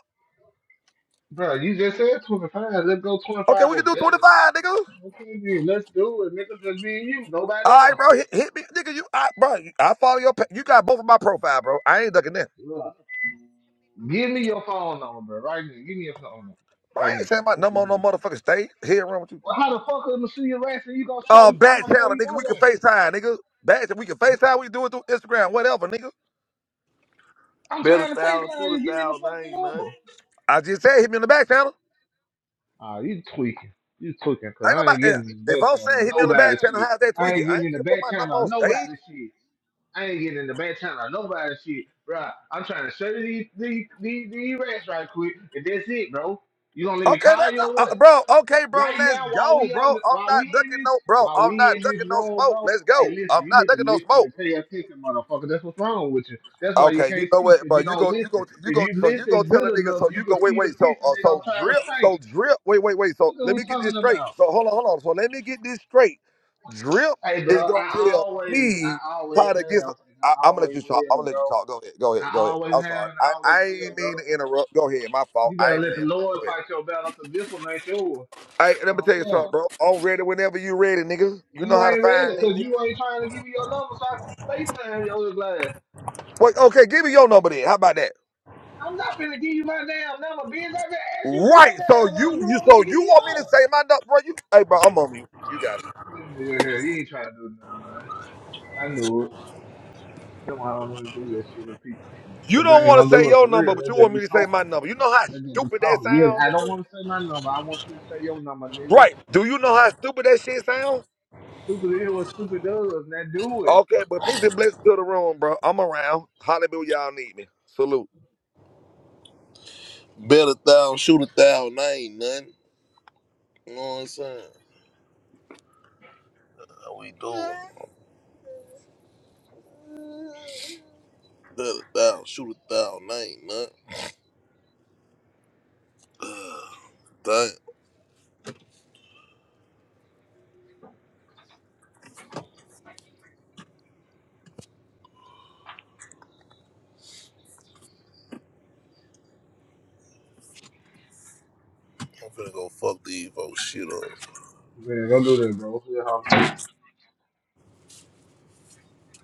Speaker 1: Bro, you just said 25. Let's go
Speaker 5: Okay,
Speaker 1: 25
Speaker 5: we can
Speaker 1: or
Speaker 5: do
Speaker 1: better.
Speaker 5: 25, nigga.
Speaker 1: Okay, then, let's do it. Nigga, just me and you. Nobody
Speaker 5: All right,
Speaker 1: else.
Speaker 5: bro, hit, hit me, nigga. You, I, bro, you- I follow your. pa- You got both of my profile, bro. I ain't ducking in.
Speaker 1: Look, Give me your phone number, bro. Right now. Give me your phone number.
Speaker 5: Bro, I
Speaker 1: Right now.
Speaker 5: ain't saying my number on no motherfucking stage. Here, wrong with you?
Speaker 1: Well, how the fuck I'm gonna see your ass and you gonna show
Speaker 5: Uh,
Speaker 1: you? I'm
Speaker 5: back
Speaker 1: gonna show
Speaker 5: channel,
Speaker 1: you
Speaker 5: nigga.
Speaker 1: my
Speaker 5: We can
Speaker 1: way.
Speaker 5: Facetime, nigga. Bad, we can Facetime. We do it through Instagram, whatever, nigga.
Speaker 1: I'm
Speaker 6: Bet a
Speaker 1: trying to
Speaker 6: thousand,
Speaker 1: FaceTime
Speaker 6: shoot a
Speaker 1: you. Give me the
Speaker 6: thousand, I
Speaker 1: fucking
Speaker 6: ain't nothing.
Speaker 1: number.
Speaker 5: I just said hit me on the back channel.
Speaker 1: Ah, you tweaking. You tweaking, cause
Speaker 5: I ain't
Speaker 1: I ain't
Speaker 5: nobody. eh,
Speaker 1: getting the
Speaker 5: If
Speaker 1: back
Speaker 5: I'm
Speaker 1: channel of
Speaker 5: saying hit me on the
Speaker 1: nobody
Speaker 5: back channel,
Speaker 1: shit.
Speaker 5: how's that
Speaker 1: I
Speaker 5: tweaking?
Speaker 1: ain't
Speaker 5: I
Speaker 1: getting
Speaker 5: ain't
Speaker 1: in the
Speaker 5: gonna put
Speaker 1: back
Speaker 5: my number
Speaker 1: channel of
Speaker 5: on
Speaker 1: nobody
Speaker 5: stage.
Speaker 1: shit. I ain't getting in the back channel of nobody shit, bro. I'm trying to show you these these these, these rats right quick, and that's it, bro. You gonna let me
Speaker 5: Okay,
Speaker 1: call
Speaker 5: that
Speaker 1: you or
Speaker 5: go,
Speaker 1: what?
Speaker 5: uh, bro. Okay, bro.
Speaker 1: right
Speaker 5: Let's
Speaker 1: now while
Speaker 5: go,
Speaker 1: we
Speaker 5: bro.
Speaker 1: on the,
Speaker 5: I'm
Speaker 1: while we
Speaker 5: not
Speaker 1: in
Speaker 5: ducking
Speaker 1: this
Speaker 5: no, bro.
Speaker 1: while
Speaker 5: I'm
Speaker 1: we
Speaker 5: not
Speaker 1: in
Speaker 5: ducking
Speaker 1: this
Speaker 5: no
Speaker 1: room,
Speaker 5: smoke.
Speaker 1: bro.
Speaker 5: Let's
Speaker 1: Hey,
Speaker 5: go.
Speaker 1: listen,
Speaker 5: I'm
Speaker 1: you
Speaker 5: not
Speaker 1: need to
Speaker 5: ducking no
Speaker 1: listen
Speaker 5: smoke.
Speaker 1: and pay attention, motherfucker. That's what's wrong with you. That's why you
Speaker 5: Okay, you
Speaker 1: can't
Speaker 5: know
Speaker 1: see
Speaker 5: what,
Speaker 1: because
Speaker 5: bro?
Speaker 1: you
Speaker 5: You
Speaker 1: don't
Speaker 5: go, you
Speaker 1: listen.
Speaker 5: go, you
Speaker 1: If
Speaker 5: go.
Speaker 1: you
Speaker 5: So you go
Speaker 1: listen
Speaker 5: tell
Speaker 1: good
Speaker 5: a nigga.
Speaker 1: enough,
Speaker 5: So
Speaker 1: you
Speaker 5: you
Speaker 1: can
Speaker 5: go. Wait,
Speaker 1: see the
Speaker 5: wait. So,
Speaker 1: picture
Speaker 5: uh,
Speaker 1: they gonna
Speaker 5: so
Speaker 1: try to
Speaker 5: drip.
Speaker 1: paint.
Speaker 5: So drip. Wait, wait, wait.
Speaker 1: What
Speaker 5: So
Speaker 1: are
Speaker 5: let
Speaker 1: we
Speaker 5: me get this
Speaker 1: talking
Speaker 5: straight.
Speaker 1: about?
Speaker 5: So hold on, hold on. So let me get this straight. Drip
Speaker 1: Hey,
Speaker 5: is
Speaker 1: bro,
Speaker 5: gonna
Speaker 1: I
Speaker 5: tell
Speaker 1: always,
Speaker 5: me
Speaker 1: I always
Speaker 5: how to get.
Speaker 1: have,
Speaker 5: Some,
Speaker 1: and
Speaker 5: I,
Speaker 1: I
Speaker 5: I'm gonna let
Speaker 1: always
Speaker 5: you talk. I'm
Speaker 1: will,
Speaker 5: gonna let you
Speaker 1: bro.
Speaker 5: talk. Go ahead. Go ahead.
Speaker 1: I
Speaker 5: Go ahead.
Speaker 1: always
Speaker 5: I'm
Speaker 1: have,
Speaker 5: sorry.
Speaker 1: and
Speaker 5: I
Speaker 1: I always
Speaker 5: I
Speaker 1: will,
Speaker 5: ain't
Speaker 1: bro.
Speaker 5: mean to interrupt. Go ahead. My fault.
Speaker 1: You
Speaker 5: I
Speaker 1: better
Speaker 5: ain't mean
Speaker 1: let
Speaker 5: to
Speaker 1: the
Speaker 5: interrupt.
Speaker 1: Lord
Speaker 5: Go
Speaker 1: fight
Speaker 5: ahead.
Speaker 1: your battle, cause this one ain't yours.
Speaker 5: Hey, let me
Speaker 1: Don't
Speaker 5: tell you something,
Speaker 1: come.
Speaker 5: bro. I'm ready whenever you ready, nigga. You know
Speaker 1: You
Speaker 5: how to
Speaker 1: ain't ready
Speaker 5: find me,
Speaker 1: because you
Speaker 5: nigga.
Speaker 1: ain't trying to give me your number so I can FaceTime your glass.
Speaker 5: Wait, okay, give me your number then. How about that?
Speaker 1: I'm not finna give you my damn number, bitch. I just asked you for your
Speaker 5: Right. So
Speaker 1: damn number.
Speaker 5: you
Speaker 1: You
Speaker 5: you
Speaker 1: wanted
Speaker 5: so
Speaker 1: to give
Speaker 5: you
Speaker 1: me
Speaker 5: want me to
Speaker 1: yours.
Speaker 5: say my number, bro? You hey bro, I'm on mute. You got it.
Speaker 1: This nigga here, he ain't trying to do nothing, man. I knew it. That's why I don't even do that shit with people.
Speaker 5: You
Speaker 1: Because they
Speaker 5: don't
Speaker 1: ain't
Speaker 5: want to
Speaker 1: gonna
Speaker 5: say
Speaker 1: do it
Speaker 5: your
Speaker 1: for
Speaker 5: number,
Speaker 1: real.
Speaker 5: but
Speaker 1: They
Speaker 5: you
Speaker 1: just
Speaker 5: want me
Speaker 1: be
Speaker 5: to say my
Speaker 1: talking.
Speaker 5: number. You know how
Speaker 1: They just be
Speaker 5: stupid that
Speaker 1: talking. Yeah,
Speaker 5: sound,
Speaker 1: I don't
Speaker 5: nigga?
Speaker 1: want to say my number. I want you to say your number, nigga.
Speaker 5: Right. Do you know how stupid that shit sound?
Speaker 1: Stupid is what stupid does. Now do it.
Speaker 5: Okay, but peace and blessings to the room, bro. I'm around. Hollywood, y'all need me. Salute.
Speaker 6: Bet a thousand, shoot a thousand, I ain't nothing. You know what I'm saying? How we do? it. Bet a thousand, shoot a thousand, I ain't nothing. Ugh, Damn, I'm finna go fuck these folks shit up.
Speaker 1: Man, don't do that, bro.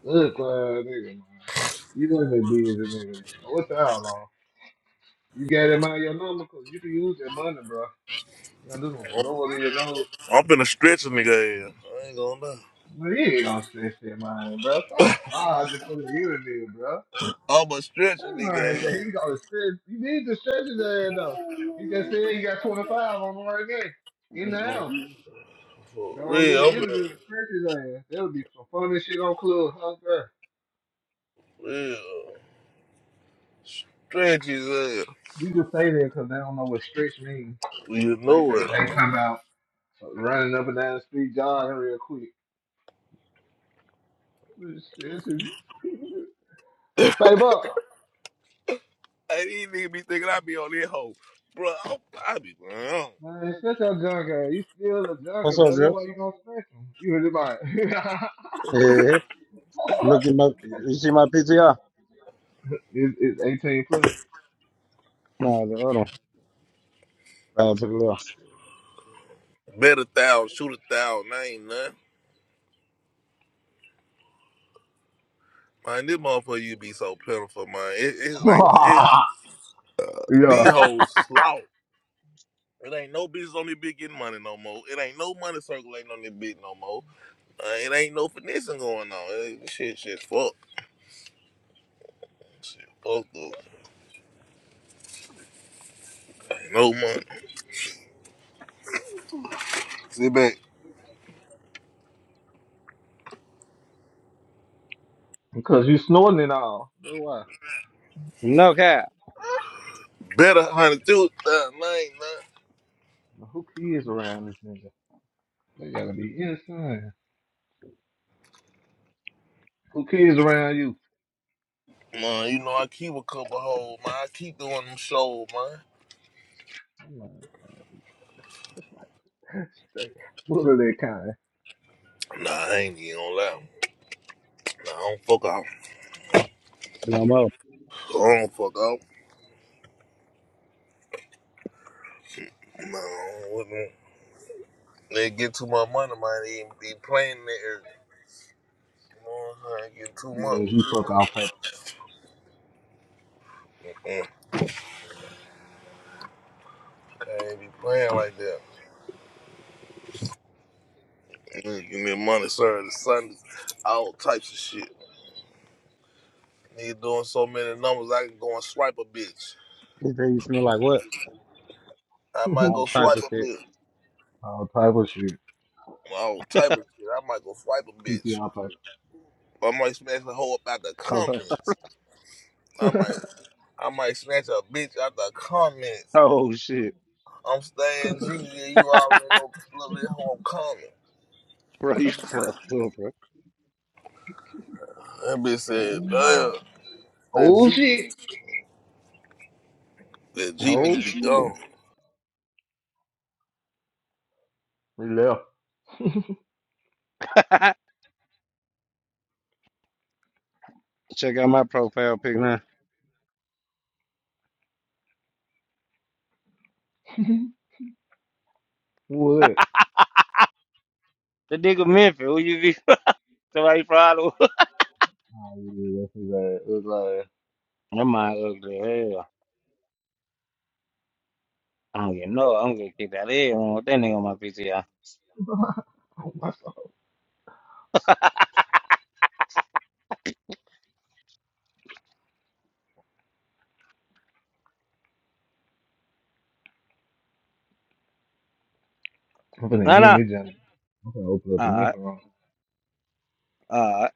Speaker 1: Look, uh, nigga, man. You know that business, nigga. What's out, You got that mind your number cause you can use that money, bro. You know, this will blow it in your nose.
Speaker 6: I'm finna stretch a nigga ass. I ain't gonna lie.
Speaker 1: Man, you ain't gonna stretch that mind, bro. Stop lying for the internet, bro.
Speaker 6: I'ma stretch a
Speaker 1: That
Speaker 6: nigga
Speaker 1: man, bro,
Speaker 6: ass.
Speaker 1: he gonna stretch. You need to stretch his ass, though. He just said he got 25 on him right there in the house.
Speaker 6: For
Speaker 1: Go on do the
Speaker 6: real, I'm finna,
Speaker 1: interview and stretch his ass. That would be some funny shit on Club, huh, bro?
Speaker 6: real. Stretch his ass.
Speaker 1: You can say that cause they don't know what stretch means.
Speaker 6: You
Speaker 1: Like
Speaker 6: know
Speaker 1: They
Speaker 6: it.
Speaker 1: they come out running up and down the street jogging real quick. It's- it's- Babe up.
Speaker 6: Hey, these niggas be thinking I be on this hoe. Bro, I, I be, man,
Speaker 1: Man, shut your junk ass. You still a junkie,
Speaker 3: What's up,
Speaker 1: bro.
Speaker 3: Drip?
Speaker 1: That's why you on spectrum. You really might.
Speaker 3: Yeah, look at my. You see my PTR?
Speaker 1: it's, it's 18 plus.
Speaker 3: No, the other one. Uh, to the left.
Speaker 6: bet a thousand, shoot a thousand, I ain't nothing. Man, this motherfucker, you be so pitiful, man. It, it's like, it,
Speaker 1: yeah.
Speaker 6: these hoes slough. It ain't no business on this bitch getting money no more. It ain't no money circulating on this bitch no more. Uh, it ain't no finessing going on. It, shit, shit, fuck. Shit, fuck, dude. Ain't no money. Sit back.
Speaker 1: Because you snorting it all. That's why.
Speaker 3: No cap.
Speaker 6: Better, honey, do it. Nah, nah, nah.
Speaker 1: Now, Who kids around this nigga? They gotta be inside. Who kids around you?
Speaker 6: Man, you know, I keep a couple hoes, man. I keep doing them shows, man.
Speaker 1: I'm like, straight. What are that kind.
Speaker 6: Nah, I ain't even gonna lie. Nah, I don't fuck out.
Speaker 3: No more.
Speaker 6: I don't fuck out. Nah, I don't- wouldn't- they get too much money, man. They ain't be playing that area. You know what I'm saying? Get too
Speaker 1: Yeah,
Speaker 6: much.
Speaker 1: he fuck all paper.
Speaker 6: Mm. I ain't be playing like that. Mm, Give me money, sir. The Sunday, all types of shit. Nigga doing so many numbers, I can go and swipe a bitch.
Speaker 3: You think you smell like what?
Speaker 6: I might
Speaker 3: All
Speaker 6: go
Speaker 3: type
Speaker 6: swipe
Speaker 3: of
Speaker 6: a
Speaker 3: shit.
Speaker 6: bitch.
Speaker 1: all type of shit.
Speaker 6: All type of shit. I might go swipe a
Speaker 1: P T
Speaker 6: bitch.
Speaker 1: all paper.
Speaker 6: I might smash the hoe up out the
Speaker 3: Oh
Speaker 6: comments. I might, I might snatch a bitch out the comments.
Speaker 3: oh, shit,
Speaker 6: I'm staying G, and you already know a little bit homecoming.
Speaker 3: bro, you fucked up, bro.
Speaker 6: That bitch said,
Speaker 1: Oh, wow.
Speaker 6: damn, that
Speaker 1: Oh,
Speaker 6: G,
Speaker 1: shit.
Speaker 6: that G
Speaker 3: Oh
Speaker 6: nigga be gone.
Speaker 3: shit.
Speaker 1: He left.
Speaker 3: Check out my profile pic now.
Speaker 1: Who was that?
Speaker 3: The nigga Memphis, who you be? Somebody follow?
Speaker 1: Oh, yeah, that's his ass. It
Speaker 3: That my ugly as hell. I don't get no. I'm gonna kick that ass on with that nigga on my PTR.
Speaker 1: was like, I'm finna
Speaker 3: No,
Speaker 1: end
Speaker 3: no.
Speaker 1: this job. I'm finna open up the
Speaker 3: All
Speaker 1: mental room.
Speaker 3: right.